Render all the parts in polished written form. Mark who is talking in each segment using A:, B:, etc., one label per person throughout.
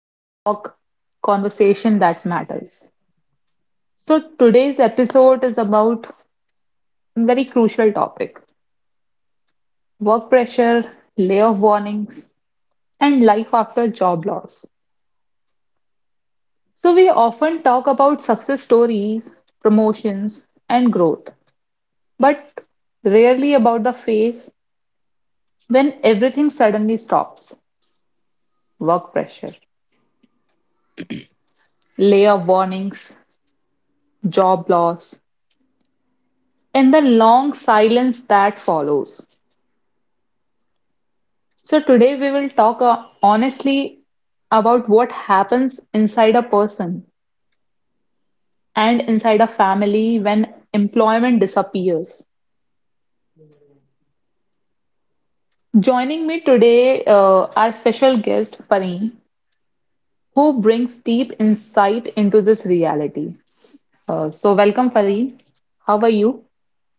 A: Our Talk Conversation That Matters. So, today's episode is about a very crucial topic: work pressure, layoff warnings, and life after job loss. So, we often talk about success stories, promotions, and growth, but rarely about the phase when everything suddenly stops: work pressure, layoff warnings, job loss, in the long silence that follows. So, today we will talk honestly about what happens inside a person and inside a family when employment disappears. Joining me today are special guest Fareen, who brings deep insight into this reality. So, welcome, Fareen. How are you?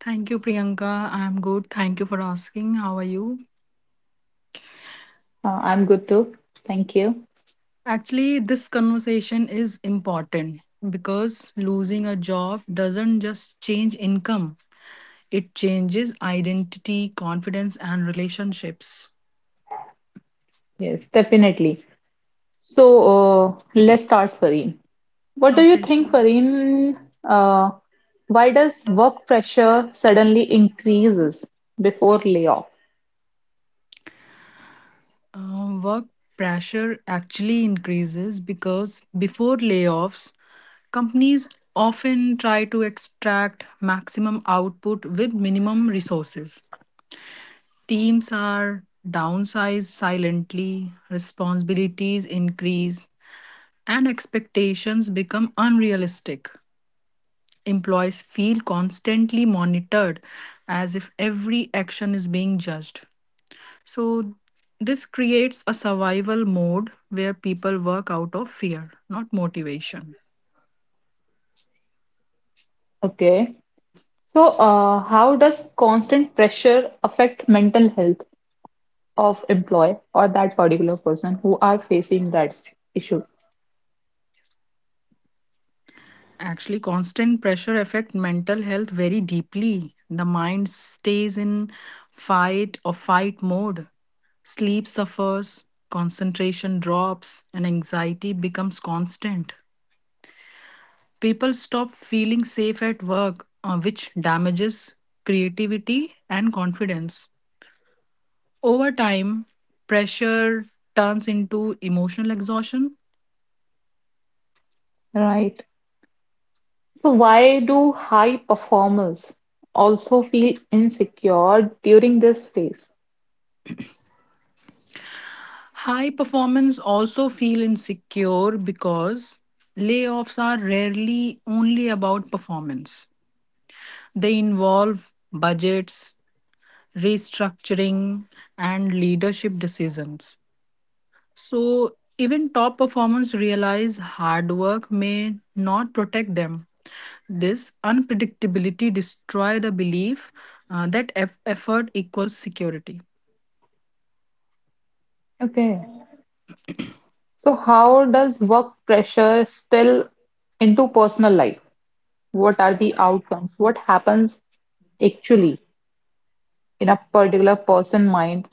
B: Thank you, Priyanka. I'm good. Thank you for asking. How are you?
A: I'm good too. Thank you.
B: Actually, this conversation is important because losing a job doesn't just change income, it changes identity, confidence, and relationships.
A: Yes, definitely. So let's start, Fareen. What do you
B: Okay,
A: think,
B: sure.
A: Fareen? Uh, why does work pressure suddenly increases before layoffs?
B: Work pressure actually increases because before layoffs, companies often try to extract maximum output with minimum resources. Teams are downsized silently, responsibilities increase, and expectations become unrealistic. Employees feel constantly monitored as if every action is being judged. So, this creates a survival mode where people work out of fear, not motivation.
A: Okay. So how does constant pressure affect mental health of employee or that particular person who are facing that issue?
B: Actually, constant pressure affect mental health very deeply. The mind stays in fight or fight mode. Sleep suffers, concentration drops, and anxiety becomes constant. People stop feeling safe at work, which damages creativity and confidence. Over time, pressure turns into emotional exhaustion.
A: Right. So why do high performers also feel insecure during this phase?
B: High performance also feel insecure because layoffs are rarely only about performance. They involve budgets, restructuring, and leadership decisions. So, even top performers realize hard work may not protect them. This unpredictability destroys the belief that effort equals security.
A: Okay. So, how does work pressure spill into personal life? What are the outcomes? What happens actually in a particular person mind,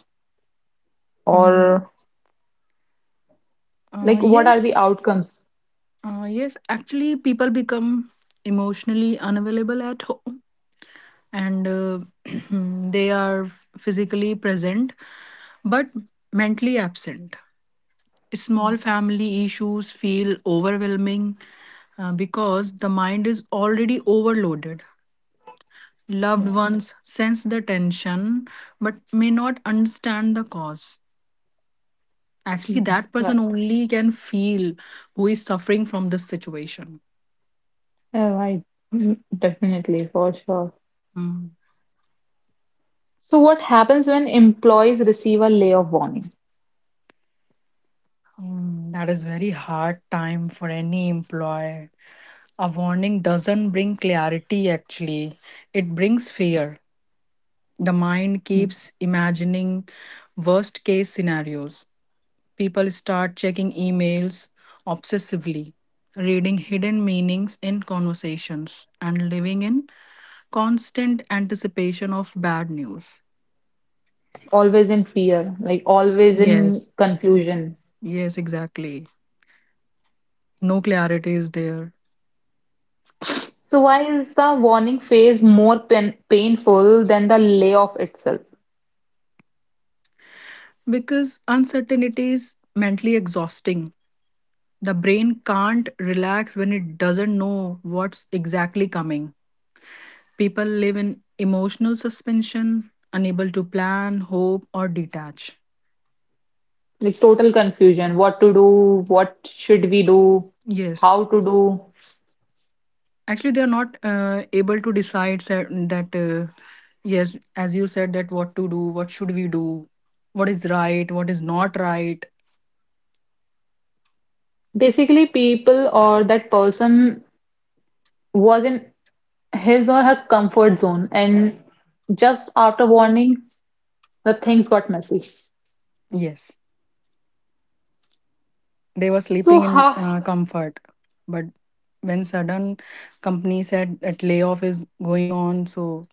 B: Mhm.
A: or
B: Uh,
A: like what are the
B: yes,
A: outcomes?
B: yes, actually, people become emotionally unavailable at home and they are physically present but mentally absent. Small family issues feel overwhelming because the mind is already overloaded. Loved ones sense the tension but may not understand the cause. Actually,
A: Mhm.
B: that person
A: Right.
B: only can feel who is suffering from this situation.
A: Yeah, right. Mm, definitely, for sure.
B: Mm.
A: So, what happens when employees receive a layoff warning?
B: Mm, that is very hard time for any employer. A warning doesn't bring clarity actually. It brings fear. The
A: Mm.
B: mind keeps imagining worst case scenarios. People start checking emails obsessively, reading hidden meanings in conversations and living in constant anticipation of bad news.
A: Always in fear, like always in
B: Yes,
A: confusion.
B: yes, exactly. No clarity is there.
A: So, why is the warning phase more painful than the layoff itself?
B: Because uncertainty is mentally exhausting. The brain can't relax when it doesn't know what's exactly coming. People live in emotional suspension, unable to plan, hope, or detach.
A: Like total confusion, what to do, what should we do,
B: Yes.
A: how to do.
B: Actually, they are not able to decide that, yes, as you said, that what to do, what should we do, what is right, what is not right.
A: Basically people or that person was in his or her comfort zone, and just after warning the things got messy.
B: Yes. They were
A: So
B: sleeping in
A: how,
B: comfort. But when sudden company said that layoff is going on, so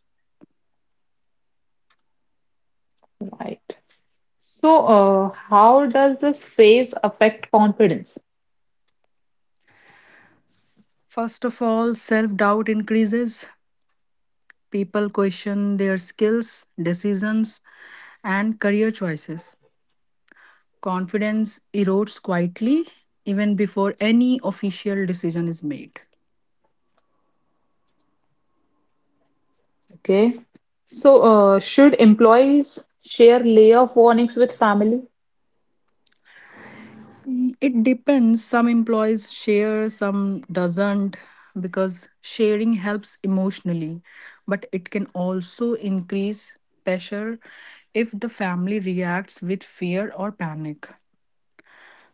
A: right. So how does this phase affect confidence?
B: first of all, self doubt increases. People question their skills, decisions, and career choices. Confidence erodes quietly even before any official decision is made.
A: Okay. So should employees share layoff warnings with family?
B: It depends. Some employees share, some doesn't, because sharing helps emotionally, but it can also increase pressure if the family reacts with fear or panic.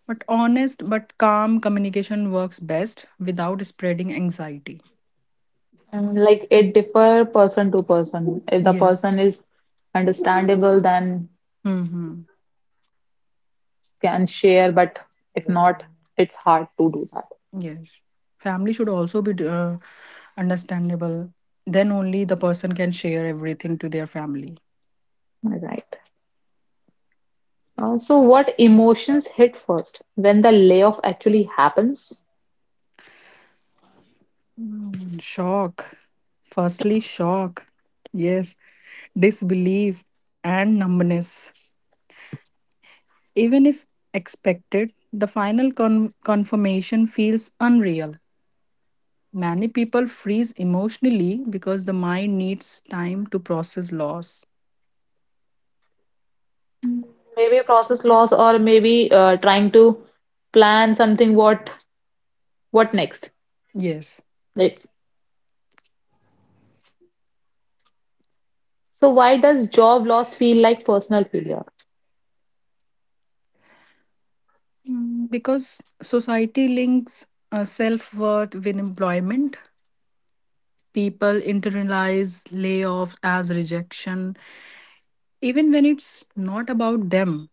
B: But honest but calm communication works best without spreading anxiety.
A: And like it differ person to person. If the
B: Yes.
A: person is understandable, then
B: Mm-hmm.
A: can share, but if not, it's hard to do that.
B: Yes. Family should also be understandable. Then only the person can share everything to their family.
A: Right. So what emotions hit first when the layoff actually happens?
B: Mm, shock. Firstly, shock. Yes. Disbelief and numbness. Even if expected, the final confirmation feels unreal. Many people freeze emotionally because the mind needs time to process loss.
A: Maybe process loss or maybe trying to plan something, what next?
B: Yes.
A: Like, so why does job loss feel like personal failure?
B: Mm, because society links self worth with employment, people internalize layoffs as rejection. Even when it's not about them,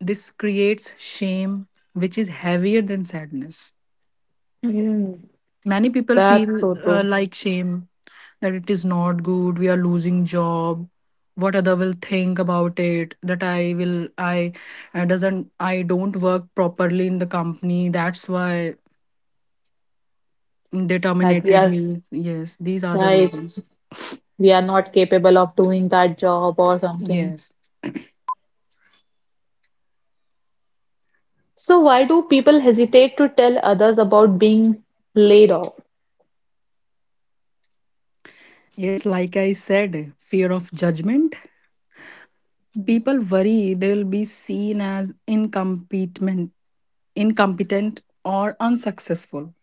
B: this creates shame, which is heavier than sadness.
A: Mm,
B: Many people
A: that's
B: feel
A: so true
B: like shame that it is not good, we are losing job, what other will think about it, that I will, I doesn't, I don't work properly in the company, that's why they
A: that we
B: terminated
A: are,
B: me. Yes, these are the
A: right,
B: reasons.
A: we are not capable of doing that job or something.
B: Yes.
A: So, why do people hesitate to tell others about being laid off?
B: Yes, like I said, fear of judgment. People worry they'll be seen as incompetent, incompetent or unsuccessful.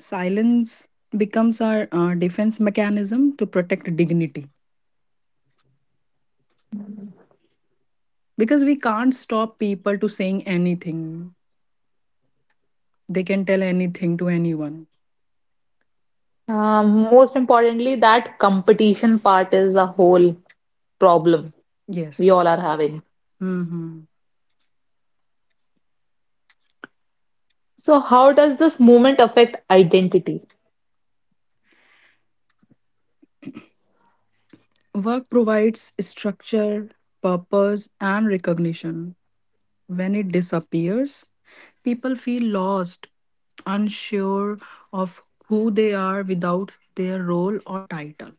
B: Silence becomes our defense mechanism to protect dignity because we can't stop people to saying anything. They can tell anything to anyone.
A: Most importantly, that competition part is a whole problem we
B: Yes.
A: all are having.
B: Hmm.
A: So, how does this movement affect identity?
B: Work provides structure, purpose, and recognition. When it disappears, people feel lost, unsure of who they are without their role or title.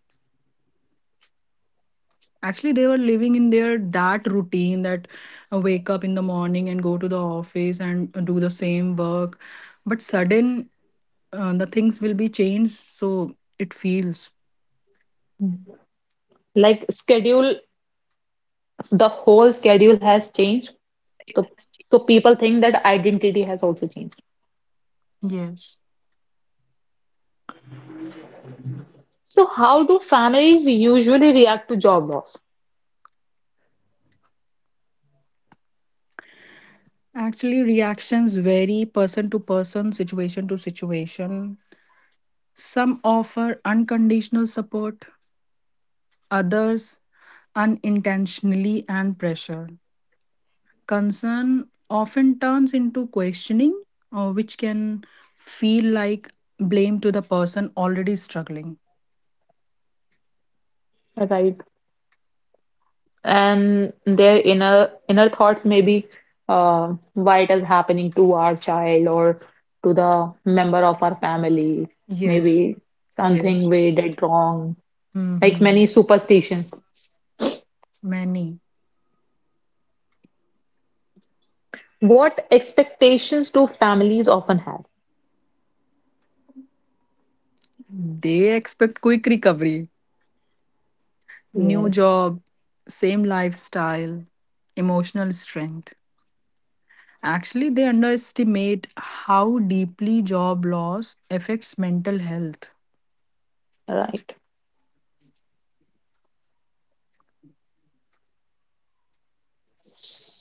B: Actually, they were living in their that routine that wake up in the morning and go to the office and do the same work. But sudden, the things will be changed, so it feels.
A: Like schedule, the whole schedule has changed. So, so people think that identity has also changed.
C: Yes.
A: So, how do families usually react to job loss?
C: Actually, reactions vary person to person, situation to situation. Some offer unconditional support, others unintentionally and pressure. Concern often turns into questioning, which can feel like blame to the person already struggling.
A: If I, and their inner thoughts maybe, why it is happening to our child or to the member of our family, maybe
C: Yes,
A: something
C: yes.
A: we did wrong, like many
C: Hmm.
A: superstitions.
C: Many.
A: What expectations do families often have?
C: They expect quick recovery. New
A: Yes,
C: job, same lifestyle, emotional strength. Actually, they underestimate how deeply job loss affects mental health.
A: right.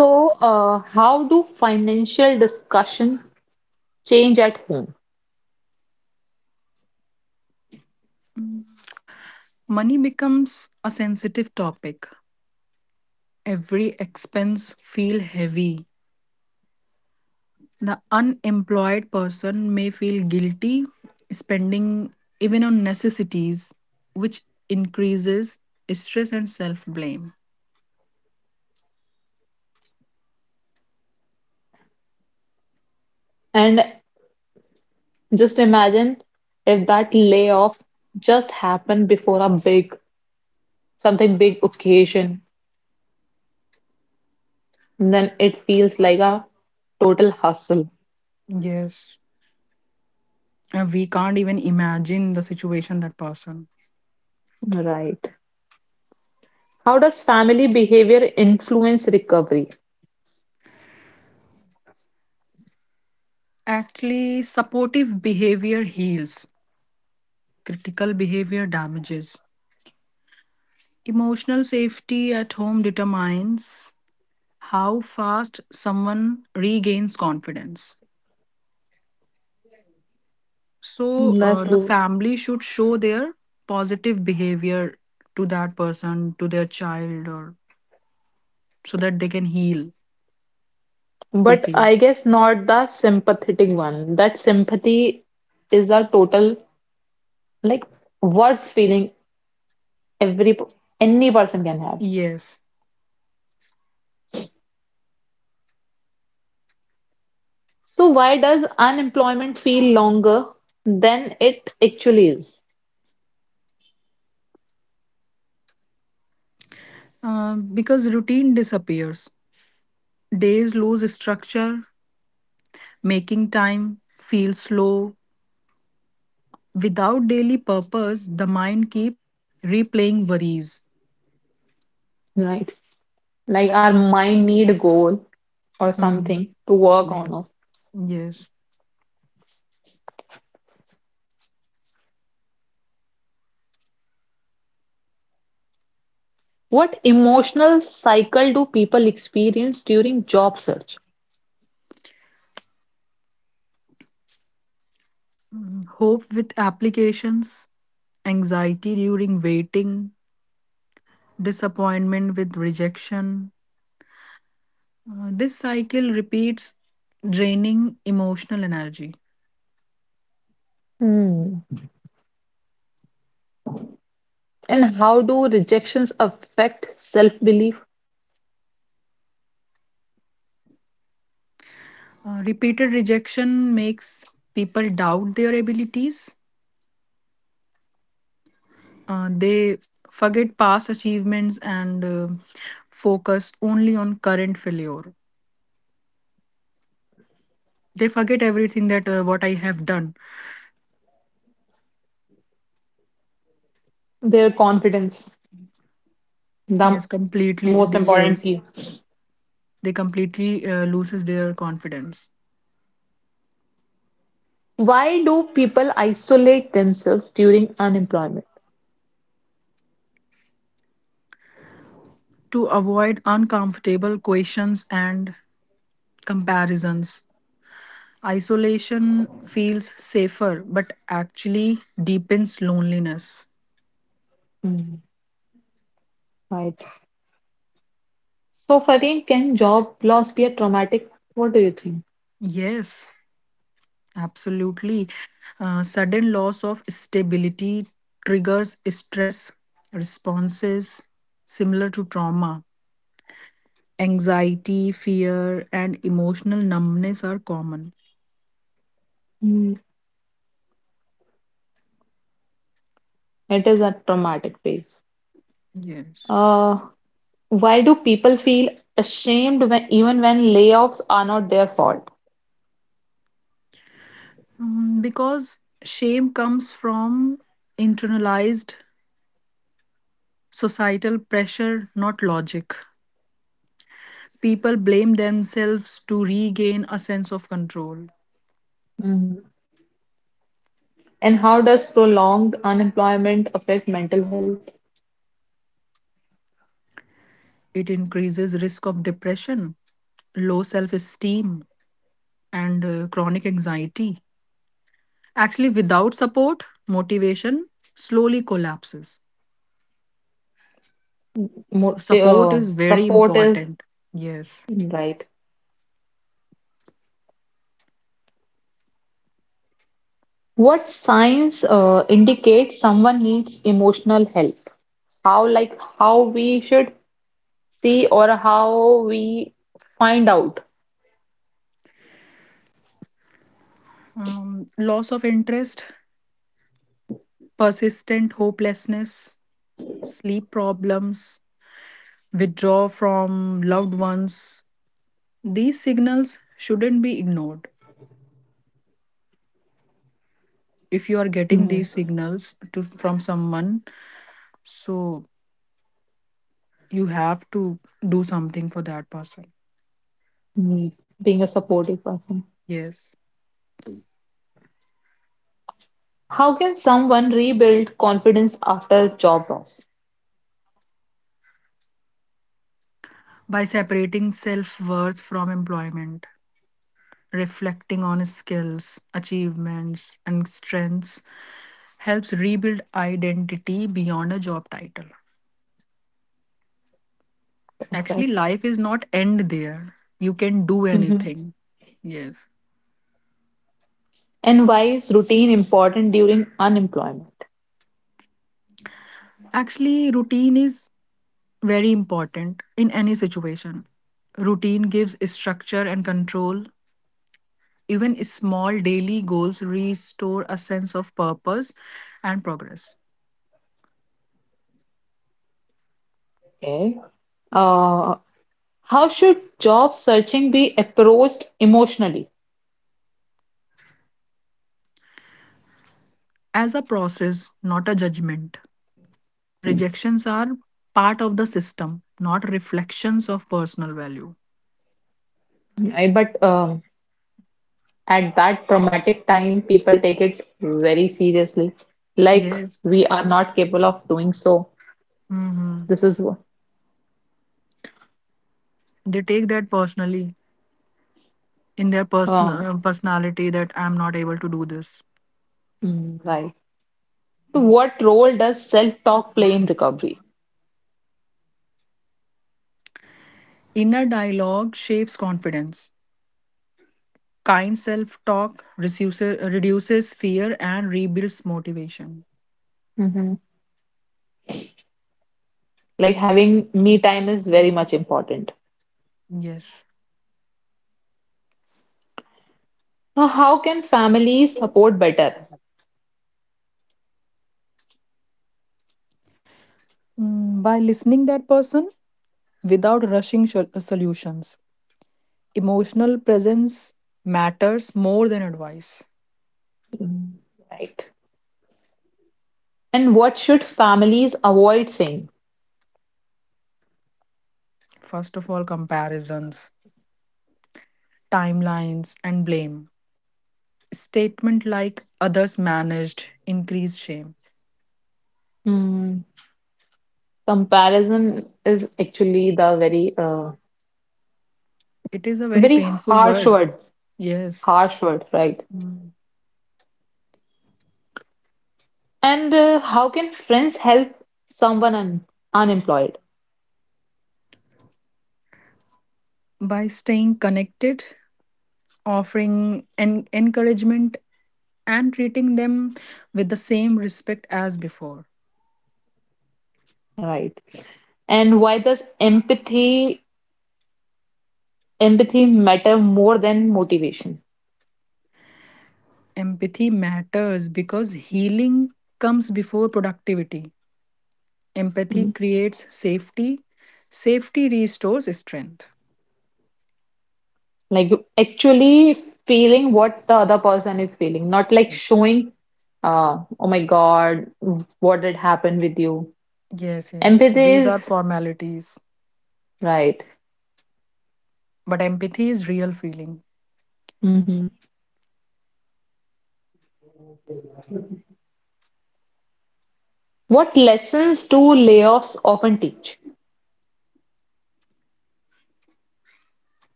A: So how do financial discussion change at home?
C: Money becomes a sensitive topic. Every expense feel heavy. The unemployed person may feel guilty spending even on necessities, which increases stress and self blame.
A: And just imagine, if that layoff just happened before a big, something big occasion, and then it feels like a total hustle.
C: Yes. And we can't even imagine the situation that person.
A: Right. How does family behavior influence recovery?
C: Actually, supportive behavior heals, critical behavior damages. Emotional safety at home determines how fast someone regains confidence. So,
A: That's
C: the
A: true.
C: family should show their positive behavior to that person, to their child, or so that they can heal
A: But
C: quickly.
A: I guess not the sympathetic one. That sympathy is a total, like, worst feeling every p- any person can have.
C: Yes,
A: So why does unemployment feel longer than it actually is?
C: because routine disappears, days lose structure, making time feel slow. Without daily purpose, the mind keeps replaying worries.
A: Right? Like our mind need a goal or
C: Hmm.
A: something to work on.
C: Yes. Yes.
A: What emotional cycle do people experience during job search?
C: Mm, hope with applications, anxiety during waiting, disappointment with rejection. This cycle repeats, draining emotional energy.
A: Hmm. And how do rejections affect self-belief,
C: Repeated rejection makes people doubt their abilities. They forget past achievements and focus only on current failure. They forget everything that what I have done.
A: their confidence? The
C: Yes, completely.
A: most important
C: Yes,
A: key.
C: they completely loses their confidence.
A: Why do people isolate themselves during unemployment?
C: To avoid uncomfortable questions and comparisons, isolation feels safer, but actually deepens loneliness.
A: Hmm. Right. So, Fareem, can job loss be a traumatic? What do you think?
C: Yes, absolutely. Sudden loss of stability triggers stress responses similar to trauma. Anxiety, fear, and emotional numbness are common.
A: Hmm. It is a traumatic phase.
C: Yes.
A: Uh, why do people feel ashamed when, even when layoffs are not their fault?
C: Mm, because shame comes from internalized societal pressure, not logic. People blame themselves to regain a sense of control.
A: Mhm. And how does prolonged unemployment affect mental health?
C: It increases risk of depression, low self-esteem, and chronic anxiety. Actually, without support, motivation slowly collapses.
A: Mo eh,
C: Support
A: uh,
C: is very
A: support is
C: important. Yes.
A: right. What signs indicate someone needs emotional help? How, like how we should see or how we find out.
C: Um, loss of interest, persistent hopelessness, sleep problems, withdrawal from loved ones. These signals shouldn't be ignored. If you are getting
A: Mm.
C: these signals to, from someone, so you have to do something for that person.
A: Mm, being a supportive person.
C: Yes.
A: How can someone rebuild confidence after job loss?
C: By separating self worth from employment, reflecting on skills, achievements, and strengths helps rebuild identity beyond a job title. Actually,
A: Perfect.
C: life is not end there. You can do
A: Mhm.
C: anything. Yes.
A: And why is routine important during unemployment?
C: Actually, routine is very important in any situation. Routine gives structure and control. Even small daily goals restore a sense of purpose and progress.
A: Okay. Uh, how should job searching be approached emotionally?
C: As a process, not a judgment. Rejections are part of the system, not reflections of personal value.
A: But at that traumatic time, people take it very seriously. Like,
C: Yes.
A: we are not capable of doing so.
C: Hmm.
A: This is wh-
C: They take that personally. In their
A: uh,
C: personality that I'm not able to do this.
A: mm, right. So what role does self-talk play in recovery?
C: Inner dialogue shapes confidence. Kind self talk reduces fear and rebuilds motivation.
A: Mhm. Like, having me time is very much important.
C: Yes.
A: So how can families support better?
C: Mm, by listening that person without rushing solutions. Emotional presence matters more than advice.
A: Mm. Right. And what should families avoid saying?
C: First of all, comparisons, timelines and blame. Statement like others managed increase shame.
A: Mm, comparison is actually the very,
C: It is a very
A: very
C: painful word. Yes,
A: harsh word, right? And how can friends help someone un unemployed,
C: by staying connected, offering en encouragement, and treating them with the same respect as before.
A: right? And why does empathy matter more than motivation?
C: Empathy matters because healing comes before productivity. Empathy
A: Mhm.
C: creates safety, safety restores strength.
A: Like actually feeling what the other person is feeling, not like showing, oh my God, what did happen with you?
C: Yes, yes.
A: Empathy
C: These are
A: is
C: formalities,
A: right.
C: but empathy is real feeling.
A: Mhm. What lessons do layoffs often teach?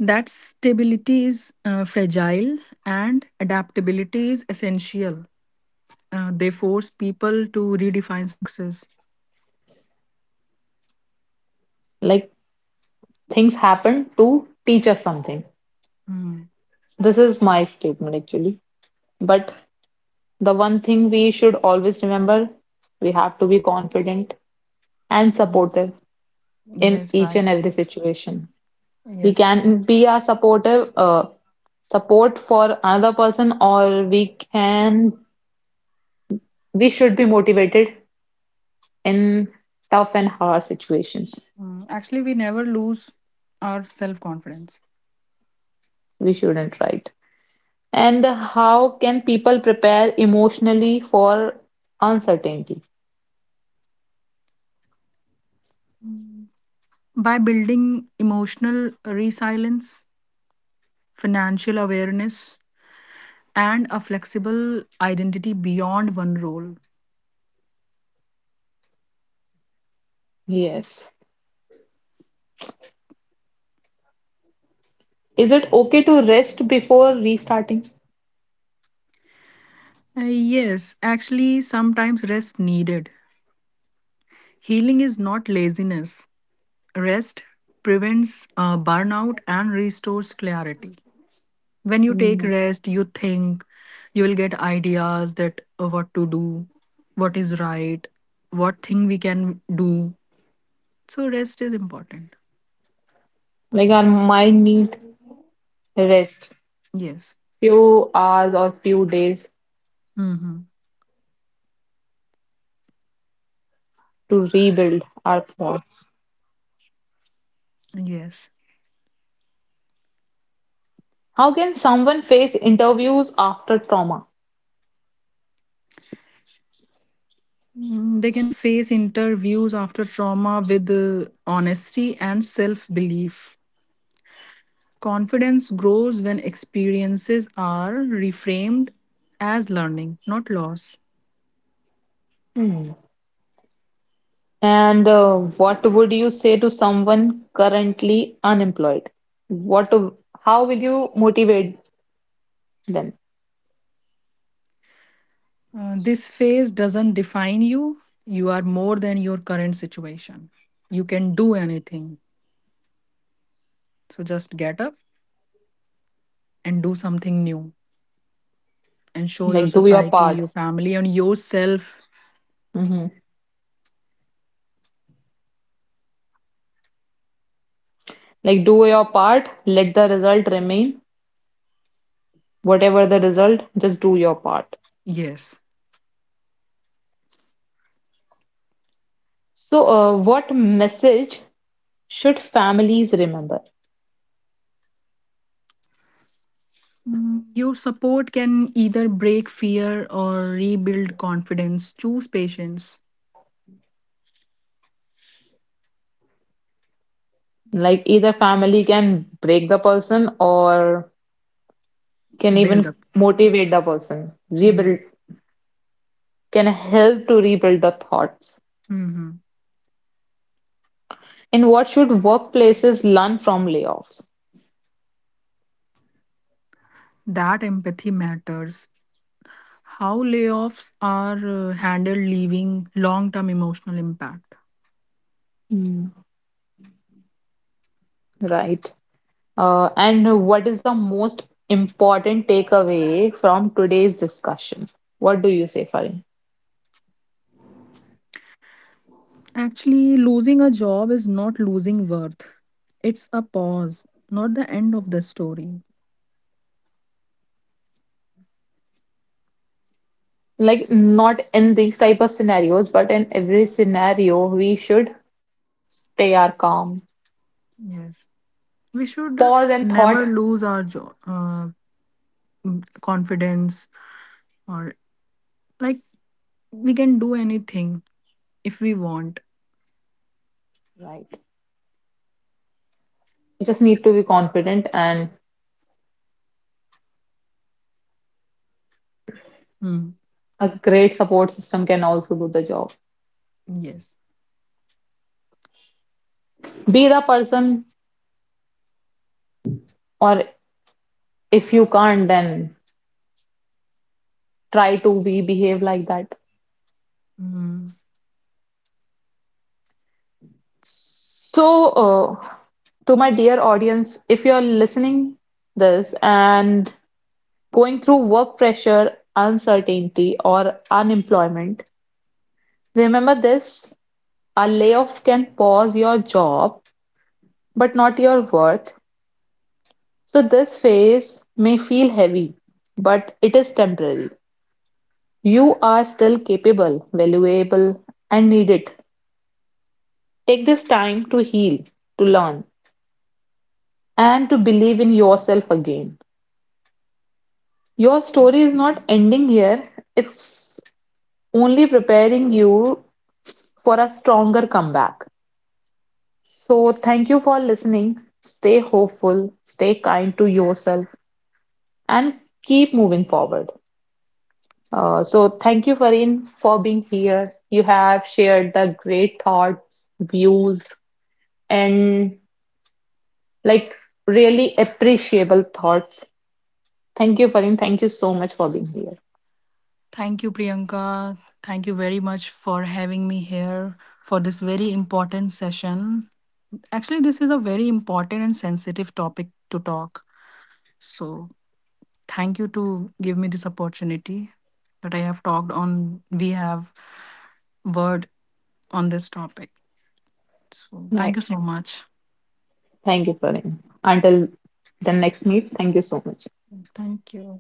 C: That stability is fragile and adaptability is essential. They force people to redefine success.
A: Like things happen to teach us something.
C: Mm,
A: This is my statement actually. But the one thing we should always remember, we have to be confident and
C: yes,
A: supportive in
C: yes,
A: each
C: right.
A: and every situation. We
C: Yes.
A: can be a supportive support for another person, or we should be motivated in tough and hard situations.
C: Mm, actually, we never lose our self confidence.
A: We shouldn't, right? And how can people prepare emotionally for uncertainty?
C: By building emotional resilience, financial awareness, and a flexible identity beyond one role.
A: Yes. Is it okay to rest before restarting?
C: Yes, actually, sometimes rest needed. Healing is not laziness. Rest prevents burnout and restores clarity. When you take
A: Mm.
C: rest, you think, you will get ideas that what to do, what is right, what thing we can do. So rest is important.
A: Like our mind need rest,
C: Yes.
A: few hours or few days
C: Hmm.
A: to rebuild our thoughts.
C: Yes.
A: How can someone face interviews after trauma?
C: Mm, they can face interviews after trauma with honesty and self belief. Confidence grows when experiences are reframed as learning, not loss.
A: Hmm. And what would you say to someone currently unemployed? What, how will you motivate them?
C: This phase doesn't define you. You are more than your current situation. You can do anything. So just get up and do something new and show your
A: Like do your
C: society,
A: part.
C: your family, and yourself.
A: Mhm. Like, do your part, let the result remain. Whatever the result, just do your part.
C: Yes.
A: So, what message should families remember?
C: Your support can either break fear or rebuild confidence. Choose patience,
A: Like, either family can break the person or can even
C: build up.
A: motivate the person, rebuild,
C: Yes.
A: can help to rebuild the thoughts.
C: Hmm.
A: And what should workplaces learn from layoffs?
C: That empathy matters. How layoffs are handled, leaving long term emotional impact.
A: Mm. Right. And what is the most important takeaway from today's discussion? What do you say, Farin?
C: Actually, losing a job is not losing worth. It's a pause, not the end of the story.
A: Like, not in these type of scenarios, but in every scenario, we should stay our calm,
C: Yes. We should uh,
A: pause and thought.
C: never lose our jo- uh, confidence or like we can do anything if we want.
A: Right. You just need to be confident, and
C: Hmm.
A: a great support system can also do the job.
C: Yes.
A: Be the person, or if you can't, then try to be behave like that.
C: Mm.
A: So, to my dear audience, if you're listening this and going through work pressure, uncertainty, or unemployment, remember this: a layoff can pause your job, but not your worth. So this phase may feel heavy, but it is temporary. You are still capable, valuable, and needed. Take this time to heal, to learn, and to believe in yourself again. Your story is not ending here, it's only preparing you for a stronger comeback. So, thank you for listening. Stay hopeful, stay kind to yourself, and keep moving forward. So, thank you, Fareen, for being here. You have shared the great thoughts, views, and like really appreciable thoughts. Thank you, Fareen. Thank you so much for being here.
C: Thank you, Priyanka. Thank you very much for having me here for this very important session. Actually, this is a very important and sensitive topic to talk. So, thank you to give me this opportunity that I have talked on. We have word on this topic. So thank
A: Nice.
C: you so much.
A: Thank you, Karim. Until the next meet, thank you so much.
C: Thank you.